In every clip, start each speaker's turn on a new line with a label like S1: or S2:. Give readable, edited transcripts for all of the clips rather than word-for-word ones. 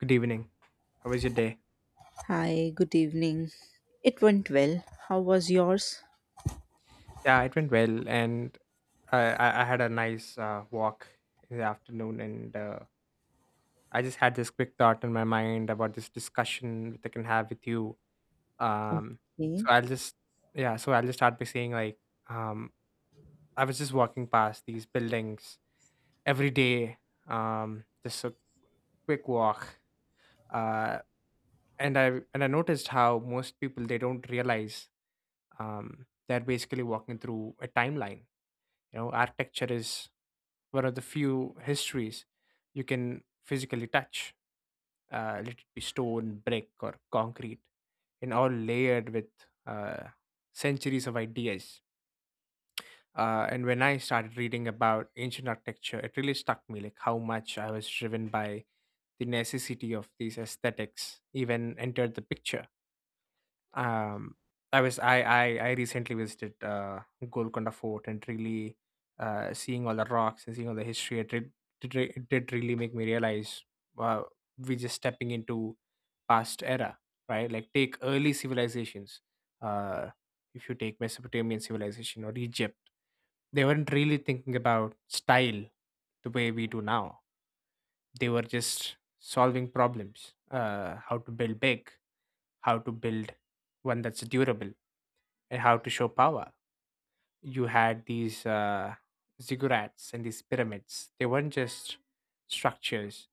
S1: Good evening. How was your day?
S2: Hi, good evening. It went well. How was yours?
S1: Yeah, it went well, and I had a nice walk in the afternoon, and I just had this quick thought in my mind about this discussion that I can have with you. Um, so
S2: Okay.
S1: I'll just yeah, so I'll just start by saying like um, I was just walking past these buildings every day, just a quick walk, uh, and I noticed how most people they don't realize they're basically walking through a timeline. You know, architecture is one of the few histories you can physically touch, let it be stone, brick, or concrete, and all layered with uh, centuries of ideas. And when I started reading about ancient architecture, it really struck me like how much I was driven by the necessity of these aesthetics even entered the picture. Um I was I recently visited Golconda Fort and really, seeing all the rocks and seeing all the history, it did really make me realize wow, we're just stepping into past era, right? Like, take early civilizations. uh if you take Mesopotamian civilization or Egypt, they weren't really thinking about style the way we do now. They were just solving problems, how to build big, how to build one that's durable, and how to show power. You had these ziggurats and these pyramids. They weren't just structures;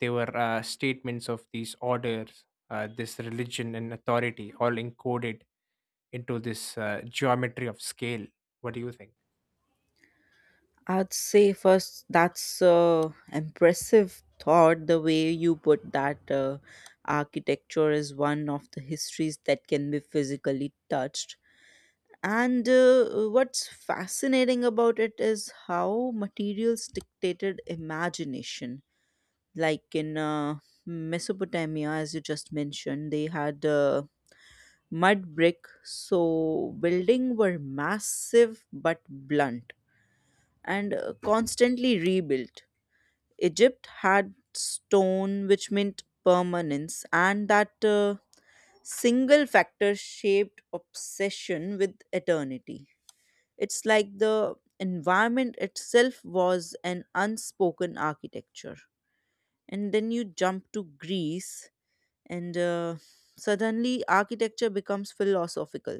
S1: they were statements of these orders, this religion and authority, all encoded into this geometry of scale. What do you think?
S2: I'd say first, that's a impressive thought, the way you put that architecture is one of the histories that can be physically touched. And what's fascinating about it is how materials dictated imagination. Like in Mesopotamia, as you just mentioned, they had mud brick so building were massive but blunt and constantly rebuilt. Egypt had stone which meant permanence, and that single factor shaped obsession with eternity. It's like the environment itself was an unspoken architecture. And then you jump to Greece, and suddenly architecture becomes philosophical.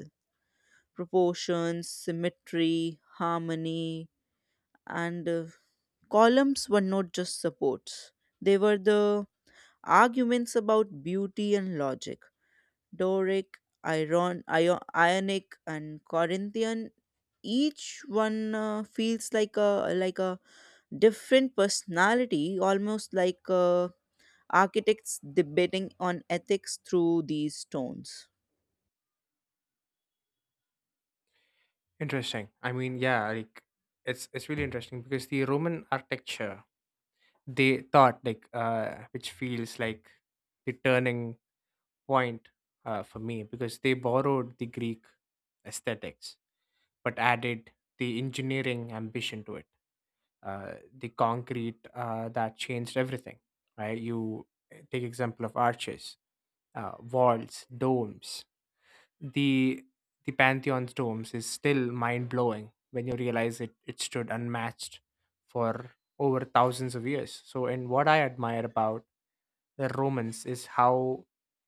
S2: Proportions, symmetry, harmony, and columns were not just supports, they were the arguments about beauty and logic. Doric, Iron, Ionic, and Corinthian. Each one feels like a different personality, almost like architects debating on ethics through these stones.
S1: Interesting. I mean, yeah, like it's really interesting because the Roman architecture, they thought like, which feels like the turning point for me, because they borrowed the Greek aesthetics but added the engineering ambition to it. The concrete, that changed everything, right? Take example of arches, walls, domes. The the Pantheon's domes is still mind blowing when you realize it. It stood unmatched for over thousands of years. So, and what I admire about the Romans is how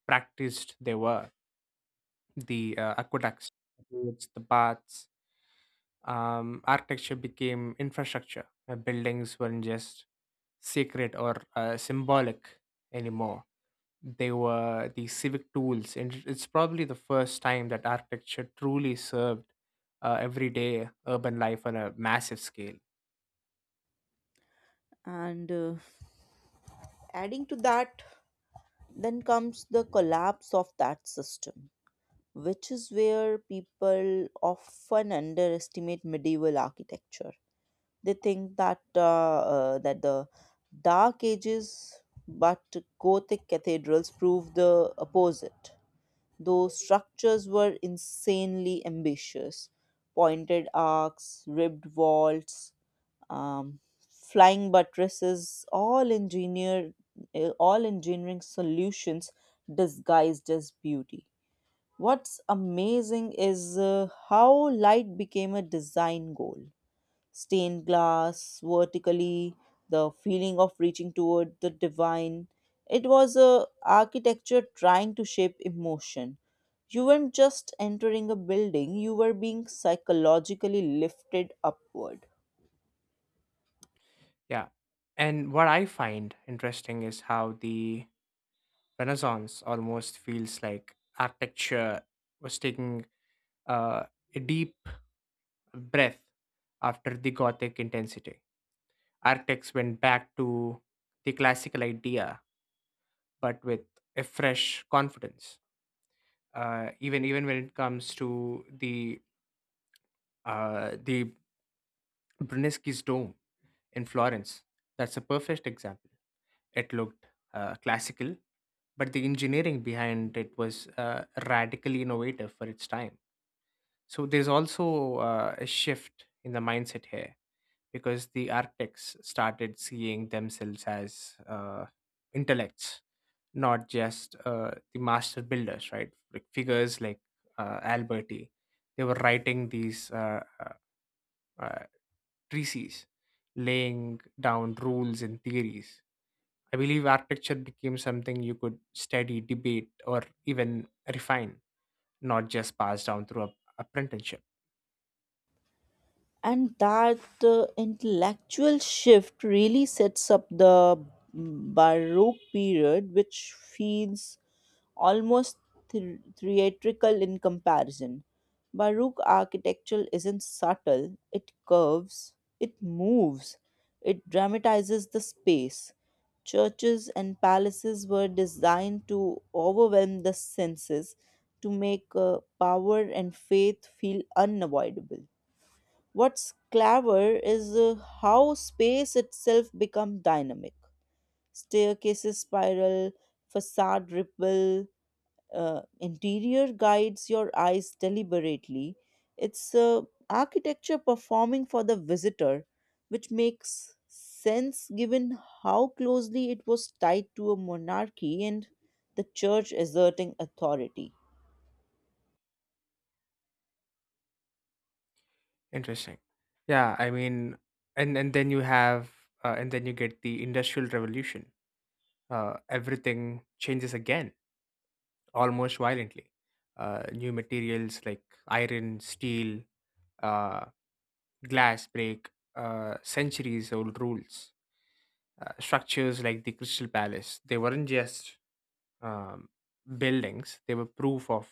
S1: practiced they were, the aqueducts, roads, the baths. Architecture became infrastructure. Buildings weren't just sacred or symbolic anymore. They were the civic tools, and it's probably the first time that architecture truly served everyday urban life on a massive scale.
S2: And adding to that, then comes the collapse of that system, which is where people often underestimate medieval architecture. They think that that the Dark Ages, but Gothic cathedrals prove the opposite. Those structures were insanely ambitious, pointed arcs, ribbed vaults, flying buttresses, all engineering solutions disguised as beauty. What's amazing is how light became a design goal. Stained glass, vertically, the feeling of reaching toward the divine. It was a architecture trying to shape emotion. You weren't just entering a building, you were being psychologically lifted upward.
S1: Yeah, and what I find interesting is how the Renaissance almost feels like architecture was taking uh, a deep breath after the Gothic intensity. Architects went back to the classical idea, but with a fresh confidence. Even when it comes to the uh, the Brunelleschi's dome in Florence, that's a perfect example. It looked classical, but the engineering behind it was radically innovative for its time. So there's also a shift in the mindset here because the architects started seeing themselves as intellects, not just the master builders, right? Like figures like Alberti, they were writing these uh, treatises, laying down rules and theories. I believe architecture became something you could study, debate, or even refine, not just pass down through a apprenticeship.
S2: And that the intellectual shift really sets up the baroque period, which feels almost theatrical in comparison. Baroque architecture isn't subtle. It curves, it moves, it dramatizes the space. Churches and palaces were designed to overwhelm the senses, to make power and faith feel unavoidable. What's clever is how space itself becomes dynamic. Staircases spiral, facade ripple, interior guides your eyes deliberately. It's architecture performing for the visitor, which makes sense given how closely it was tied to a monarchy and the church asserting authority.
S1: Interesting. Yeah, I mean, and and then you have, and then you get the Industrial Revolution. Everything changes again, almost violently. New materials like iron, steel, uh, glass break centuries-old rules. Structures like the Crystal Palace, they weren't just um, buildings; they were proof of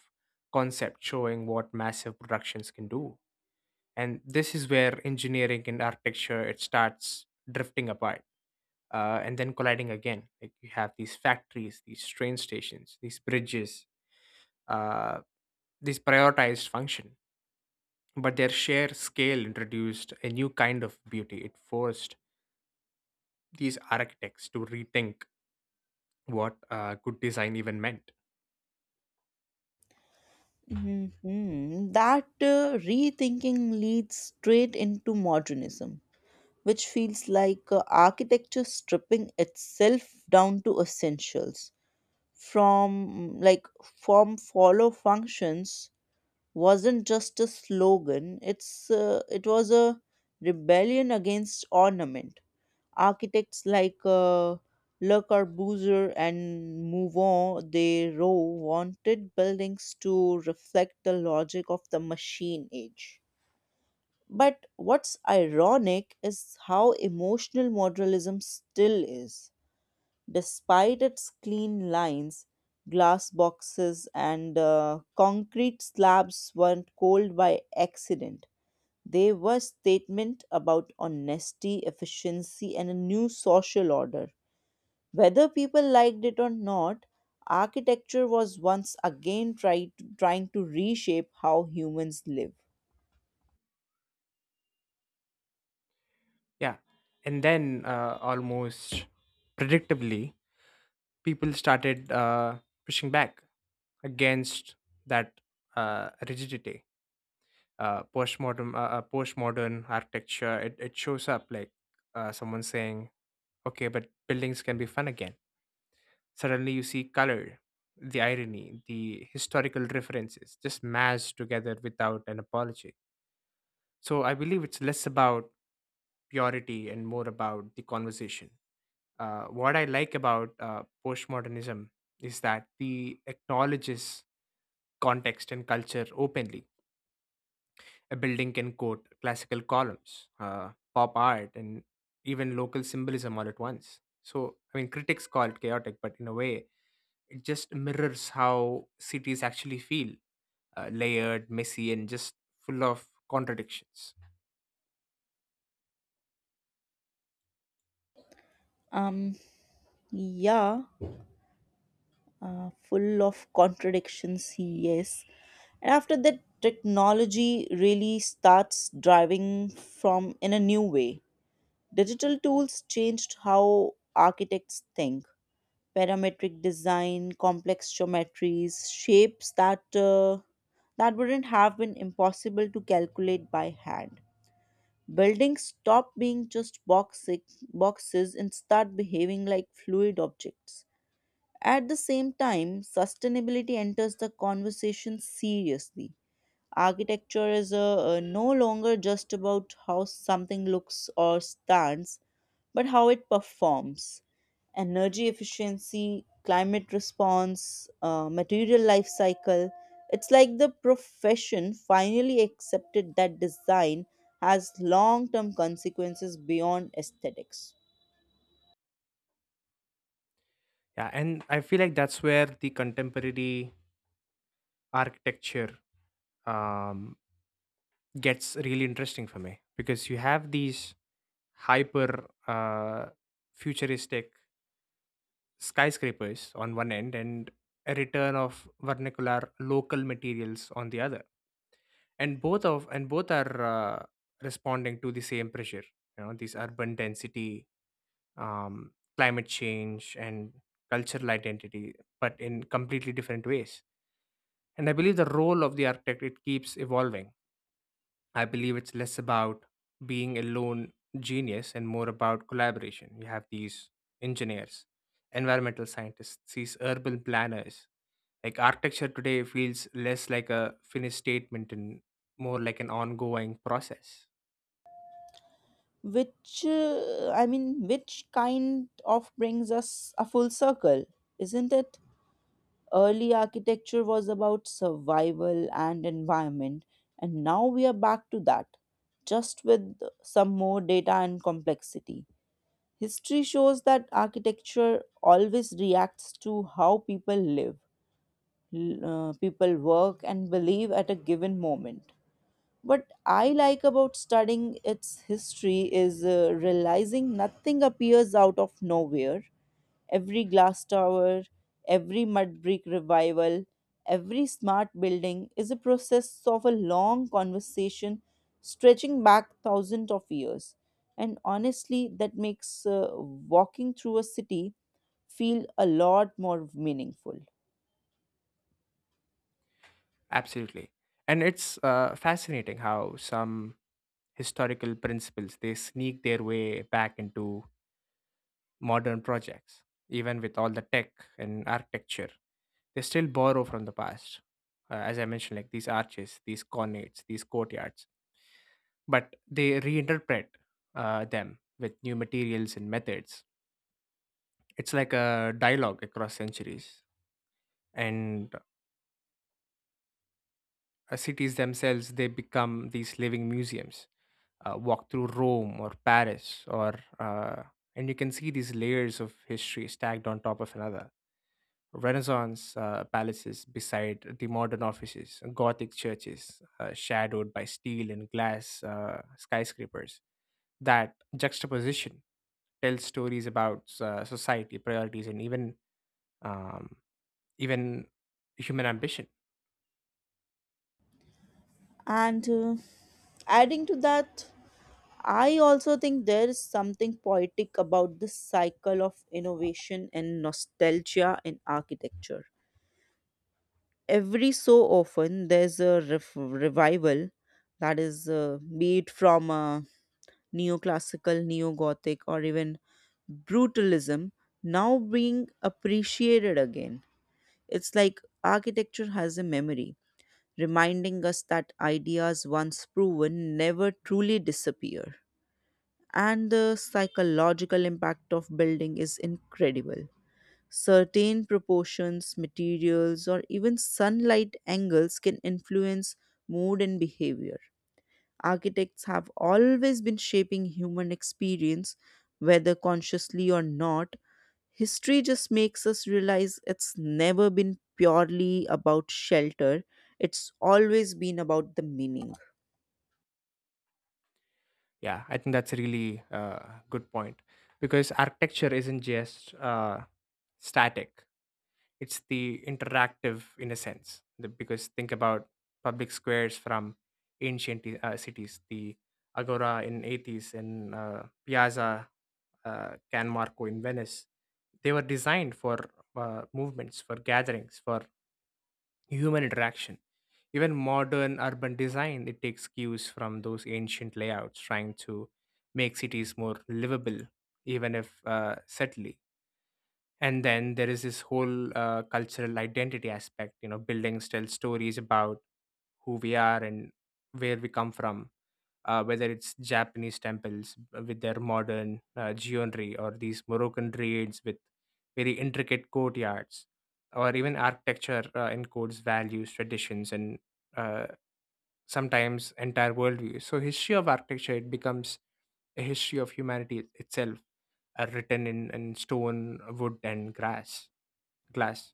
S1: concept, showing what massive productions can do. And this is where engineering and architecture, it starts drifting apart and then colliding again. Like, you have these factories, these train stations, these bridges, uh, these prioritized function, but their sheer scale introduced a new kind of beauty. It forced these architects to rethink what good design even meant.
S2: Mhm. That rethinking leads straight into modernism, which feels like architecture stripping itself down to essentials. From like form follow functions wasn't just a slogan; it was a rebellion against ornament. Architects like Le Corbusier and Mouvant de Roux wanted buildings to reflect the logic of the machine age. But what's ironic is how emotional modernism still is, despite its clean lines, glass boxes, and concrete slabs weren't cold by accident. They were statement about honesty, efficiency, and a new social order. Whether people liked it or not, architecture was once again tried, trying to reshape how humans live.
S1: Yeah, and then almost predictably, people started pushing back against that rigidity. Postmodern architecture, it shows up like someone saying, okay, but buildings can be fun again. Suddenly you see color, the irony, the historical references just mashed together without an apology. So I believe it's less about purity and more about the conversation. What I like about postmodernism is that the acknowledges context and culture openly. A building can quote classical columns, pop art, and even local symbolism all at once. So, I mean, critics call it chaotic, but in a way, it just mirrors how cities actually feel, layered, messy, and just full of contradictions.
S2: Um, yeah. Full of contradictions, yes. And after that, technology really starts driving from in a new way. Digital tools changed how architects think. Parametric design, complex geometries, shapes that that wouldn't have been impossible to calculate by hand. Buildings stop being just boxes and start behaving like fluid objects. At the same time, sustainability enters the conversation seriously. Architecture is no longer just about how something looks or stands, but how it performs. Energy efficiency, climate response, material life cycle. It's like the profession finally accepted that design has long term consequences beyond aesthetics.
S1: Yeah, and I feel like that's where the contemporary architecture um, gets really interesting for me, because you have these hyper futuristic skyscrapers on one end and a return of vernacular local materials on the other. And both are responding to the same pressure. You know, these urban density, um, climate change, and cultural identity, but in completely different ways. And I believe the role of the architect, it keeps evolving. I believe it's less about being a lone genius and more about collaboration. You have these engineers, environmental scientists, these urban planners. Like, architecture today feels less like a finished statement and more like an ongoing process.
S2: Which, I mean, which kind of brings us a full circle, isn't it? Early architecture was about survival and environment, and now we are back to that, just with some more data and complexity. History shows that architecture always reacts to how people live, l- people work, and believe at a given moment. What I like about studying its history is realizing nothing appears out of nowhere. Every glass tower, every mud brick revival, every smart building is a process of a long conversation stretching back thousands of years. And honestly, that makes walking through a city feel a lot more meaningful.
S1: Absolutely. And it's fascinating how some historical principles, they sneak their way back into modern projects. Even with all the tech and architecture, they still borrow from the past, as I mentioned, like these arches, these colonnades, these courtyards, but they reinterpret them with new materials and methods. It's like a dialogue across centuries. And cities themselves, they become these living museums. Walk through Rome or Paris or and you can see these layers of history stacked on top of another. Renaissance palaces beside the modern offices, Gothic churches shadowed by steel and glass skyscrapers. That juxtaposition tells stories about society priorities and even um, even human ambition.
S2: And adding to that, I also think there is something poetic about this cycle of innovation and nostalgia in architecture. Every so often, there's a revival that is, be it from neoclassical, neo Gothic, or even brutalism, now being appreciated again. It's like architecture has a memory, reminding us that ideas once proven never truly disappear. And the psychological impact of building is incredible. Certain proportions, materials, or even sunlight angles can influence mood and behavior. Architects have always been shaping human experience, whether consciously or not. History just makes us realize it's never been purely about shelter, it's always been about the meaning.
S1: Yeah, I think that's a really good point, because architecture isn't just static; it's the interactive in a sense. The, because think about public squares from ancient cities, the Agora in Athens and Piazza Can Marco in Venice. They were designed for movements, for gatherings, for human interaction. Even modern urban design, it takes cues from those ancient layouts, trying to make cities more livable, even if subtly. And then there is this whole cultural identity aspect. You know, buildings tell stories about who we are and where we come from, whether it's Japanese temples with their modern geometry, or these Moroccan trades with very intricate courtyards, or even architecture encodes values, traditions, and uh, sometimes entire worldviews. So, history of architecture, it becomes a history of humanity itself, written in stone, wood, and grass, glass.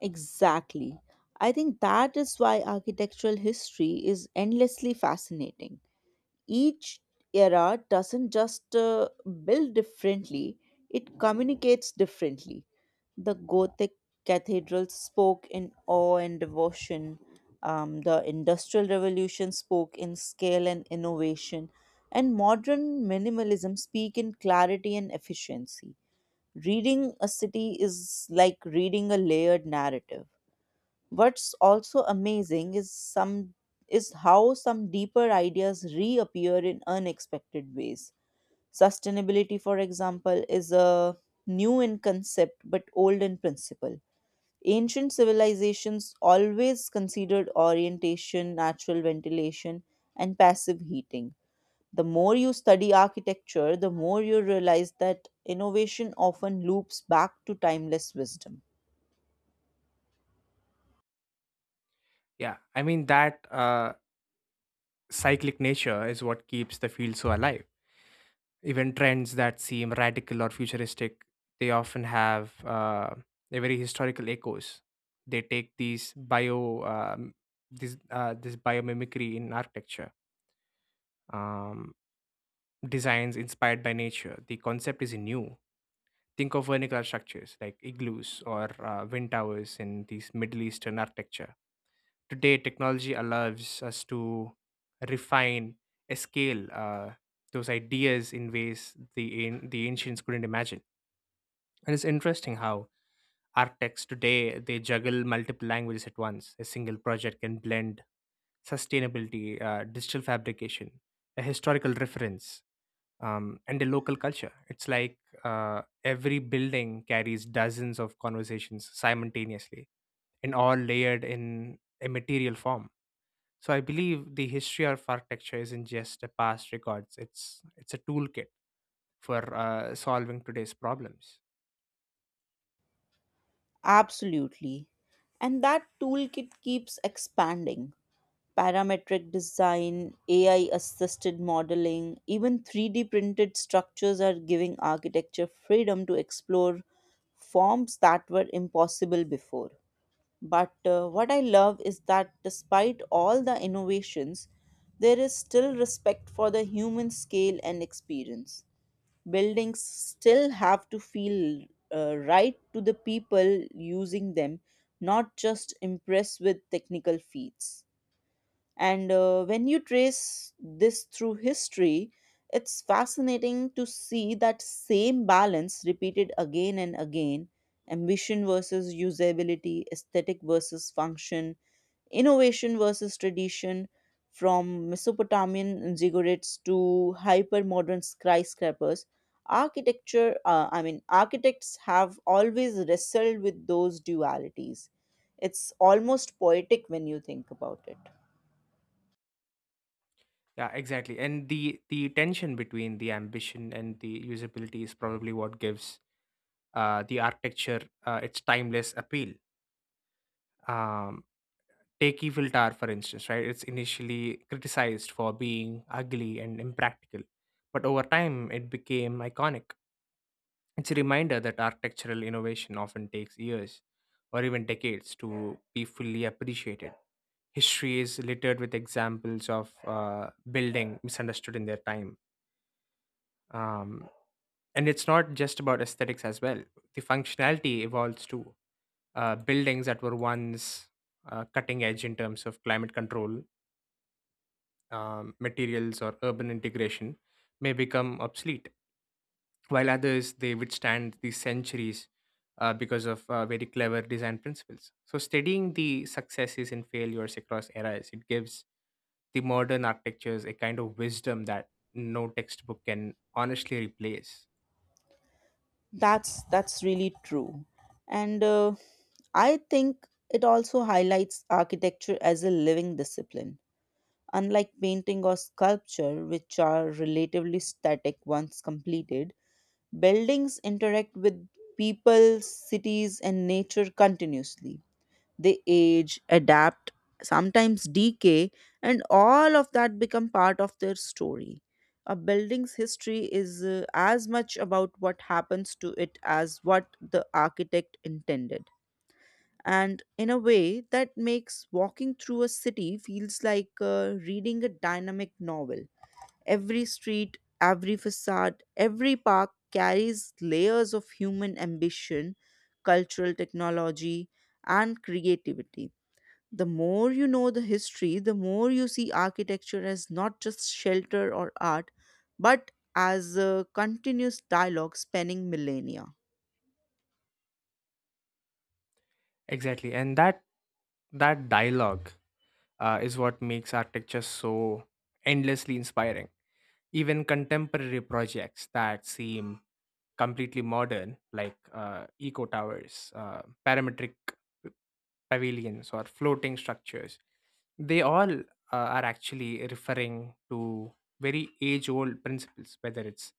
S2: Exactly. I think that is why architectural history is endlessly fascinating. Each era doesn't just build differently, it communicates differently. The Gothic cathedrals spoke in awe and devotion, the Industrial Revolution spoke in scale and innovation, and modern minimalism speak in clarity and efficiency. Reading a city is like reading a layered narrative. What's also amazing is some is how some deeper ideas reappear in unexpected ways. Sustainability, for example, is a new in concept but old in principle. Ancient civilizations always considered orientation, natural ventilation, and passive heating. The more you study architecture, the more you realize that innovation often loops back to timeless wisdom.
S1: Yeah, I mean that cyclic nature is what keeps the field so alive. Even trends that seem radical or futuristic, they often have a very historical echoes. They take these bio this this biomimicry in architecture, um, designs inspired by nature. The concept is new. Think of vernacular structures like igloos or wind towers in these Middle Eastern architecture. Today, technology allows us to refine, scale those ideas in ways the ancients couldn't imagine. It is interesting how architects today, they juggle multiple languages at once. A single project can blend sustainability, digital fabrication, a historical reference, and a local culture. It's like every building carries dozens of conversations simultaneously, and all layered in a material form. So I believe the history of architecture isn't just a past records. It's a toolkit for solving today's problems.
S2: Absolutely. And that toolkit keeps expanding. Parametric design, AI assisted modeling, even 3D printed structures are giving architecture freedom to explore forms that were impossible before. But what I love is that despite all the innovations, there is still respect for the human scale and experience. Buildings still have to feel right to the people using them, not just impressed with technical feats. And when you trace this through history, it's fascinating to see that same balance repeated again and again: ambition versus usability, aesthetic versus function, innovation versus tradition, from mesopotamian ziggurats to hyper-modern skyscrapers. Architecture I mean architects have always wrestled with those dualities. It's almost poetic when you think about it.
S1: Yeah, exactly. And the tension between the ambition and the usability is probably what gives the architecture its timeless appeal. Um, Take Evil Tower, for instance, right? It's initially criticized for being ugly and impractical, but over time it became iconic. It's a reminder that architectural innovation often takes years or even decades to be fully appreciated. History is littered with examples of building misunderstood in their time, um, and it's not just about aesthetics as well. The functionality evolves too. Buildings that were once cutting edge in terms of climate control, materials or urban integration may become obsolete, while others they withstand the centuries because of very clever design principles. So studying the successes and failures across eras, it gives the modern architectures a kind of wisdom that no textbook can honestly replace.
S2: That's really true, and I think it also highlights architecture as a living discipline, unlike painting or sculpture which are relatively static once completed. Buildings interact with people, cities, and nature continuously. They age, adapt, sometimes decay, and all of that become part of their story. A building's history is as much about what happens to it as what the architect intended. And in a way, that makes walking through a city feels like reading a dynamic novel. Every street, every facade, every park carries layers of human ambition, cultural technology, and creativity. The more you know the history, the more you see architecture as not just shelter or art, but as a continuous dialogue spanning millennia.
S1: Exactly, and that that dialogue is what makes architecture so endlessly inspiring. Even contemporary projects that seem completely modern, like eco towers, parametric p- pavilions, or floating structures, they all are actually referring to very age old principles, whether it's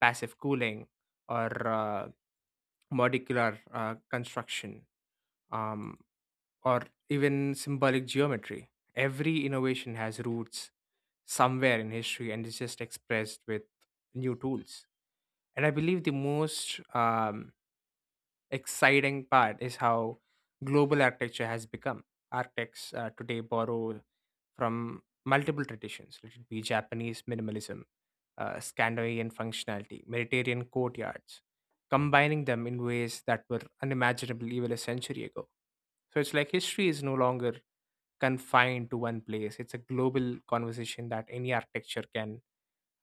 S1: passive cooling or molecular construction. Um, or even symbolic geometry. Every innovation has roots somewhere in history and is just expressed with new tools. And I believe the most exciting part is how global architecture has become. Architects today borrow from multiple traditions, let it be Japanese minimalism, Scandinavian functionality, Mediterranean courtyards, combining them in ways that were unimaginable even a century ago. So it's like history is no longer confined to one place. It's a global conversation that any architecture can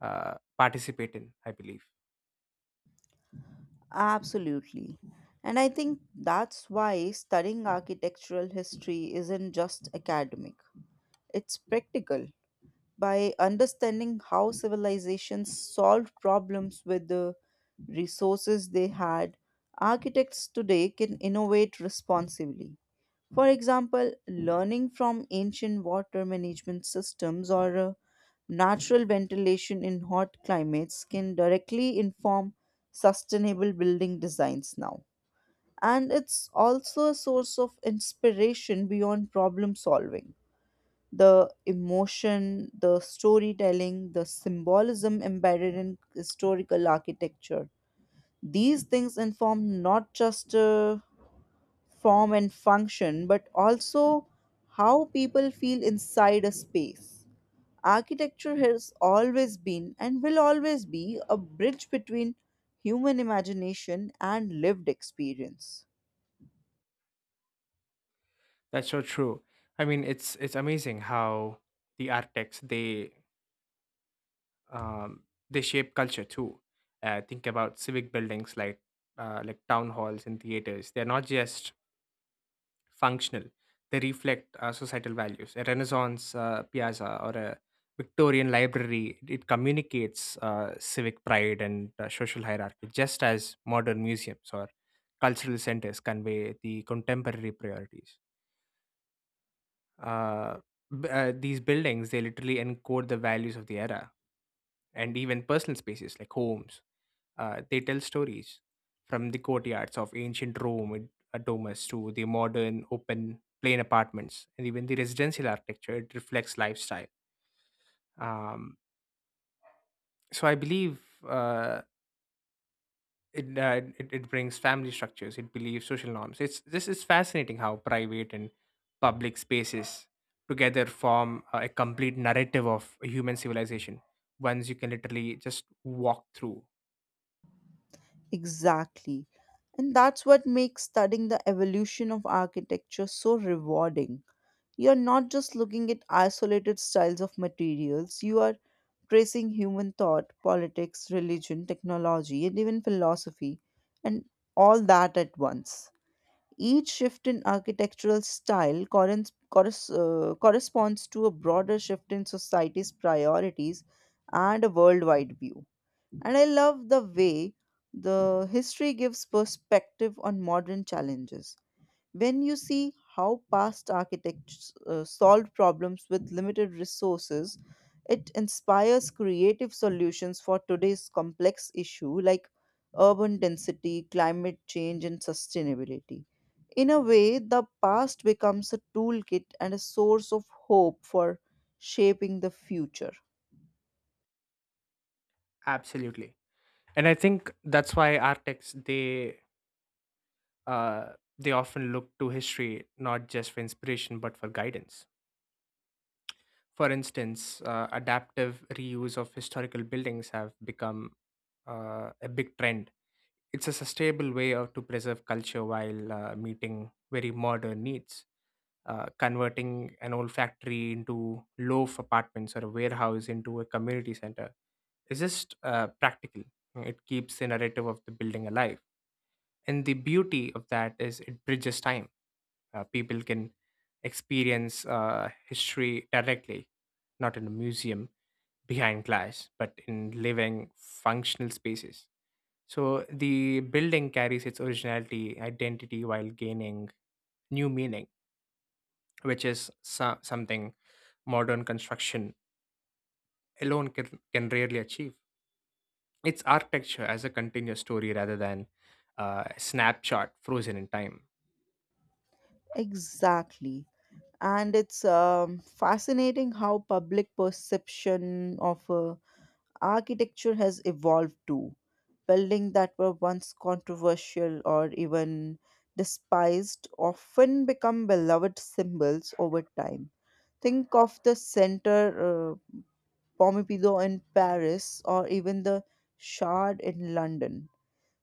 S1: participate in, I believe.
S2: Absolutely. And I think that's why studying architectural history isn't just academic, it's practical. By understanding how civilizations solved problems with the resources they had, architects today can innovate responsibly. For example, learning from ancient water management systems or natural ventilation in hot climates can directly inform sustainable building designs now. And it's also a source of inspiration beyond problem solving: the emotion, the storytelling, the symbolism embedded in historical architecture. These things inform not just form and function, but also how people feel inside a space. Architecture has always been and will always be a bridge between human imagination and lived experience.
S1: That's so true. I mean, it's amazing how the architects they um, they shape culture too. Think about civic buildings like town halls and theaters. They're not just functional; they reflect societal values. A Renaissance piazza or a Victorian library it communicates civic pride and social hierarchy, just as modern museums or cultural centers convey the contemporary priorities. uh, these buildings they literally encode the values of the era, and even personal spaces like homes, they tell stories from the courtyards of ancient Rome with domus to the modern open plain apartments. And even the residential architecture it reflects lifestyle, um, so I believe uh, it brings family structures, it believes social norms. It's, this is fascinating how private and public spaces together form a complete narrative of a human civilization, ones you can literally just walk through.
S2: Exactly. And that's what makes studying the evolution of architecture so rewarding. You're not just looking at isolated styles of materials, you are tracing human thought, politics, religion, technology, and even philosophy, and all that at once. Each shift in architectural style corresponds to a broader shift in society's priorities and a worldwide view. And I love the way the history gives perspective on modern challenges. When you see how past architects solved problems with limited resources, it inspires creative solutions for today's complex issue like urban density, climate change, and sustainability. In a way, the past becomes a toolkit and a source of hope for shaping the future.
S1: Absolutely, and I think that's why architects they uh, they often look to history not just for inspiration but for guidance. For instance, adaptive reuse of historical buildings have become a big trend. It's a sustainable way of, to preserve culture while meeting very modern needs. Converting an old factory into loaf apartments or a warehouse into a community center is just practical. It keeps the narrative of the building alive. And the beauty of that is it bridges time. People can experience history directly, not in a museum behind glass, but in living, functional spaces. So the building carries its originality, identity, while gaining new meaning, which is something modern construction alone can rarely achieve. It's architecture as a continuous story rather than a snapshot frozen in time.
S2: Exactly. And it's fascinating how public perception of architecture has evolved too. Buildings that were once controversial or even despised often become beloved symbols over time. Think of the center Pompidou in Paris or even the Shard in London.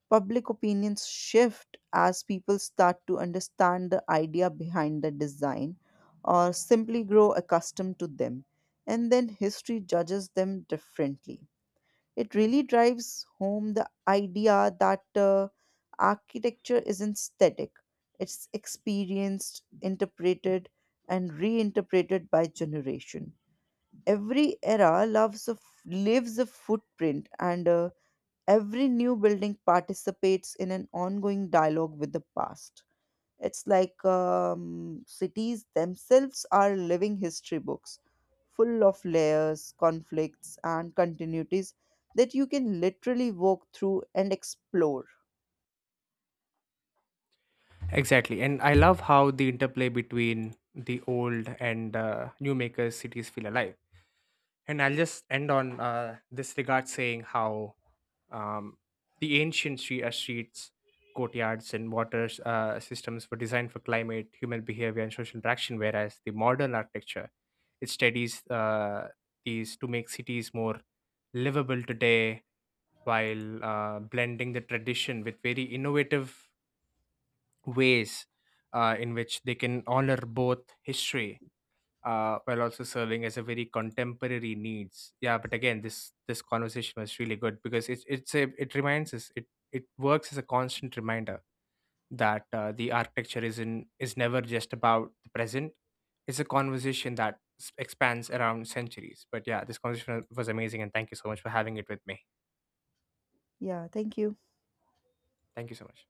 S2: Public opinions shift as people start to understand the idea behind the design or simply grow accustomed to them, and then history judges them differently. It really drives home the idea that architecture isn't static, it's experienced, interpreted, and reinterpreted by generation. Every era leaves a footprint, and every new building participates in an ongoing dialogue with the past. It's like cities themselves are living history books, full of layers, conflicts, and continuities that you can literally walk through and explore.
S1: Exactly. And I love how the interplay between the old and new makers cities feel alive. And I'll just end on this regard saying how um, the ancient streets, courtyards, and water systems were designed for climate, human behavior, and social interaction, whereas the modern architecture it studies these to make cities more livable today, while blending the tradition with very innovative ways in which they can honor both history while also serving as a very contemporary needs. Yeah, but again, this conversation was really good because it reminds us it works as a constant reminder that the architecture is in is never just about the present. It's a conversation that expands around centuries. But yeah, this conversation was amazing, and thank you so much for having it with me.
S2: Yeah, thank you.
S1: Thank you so much.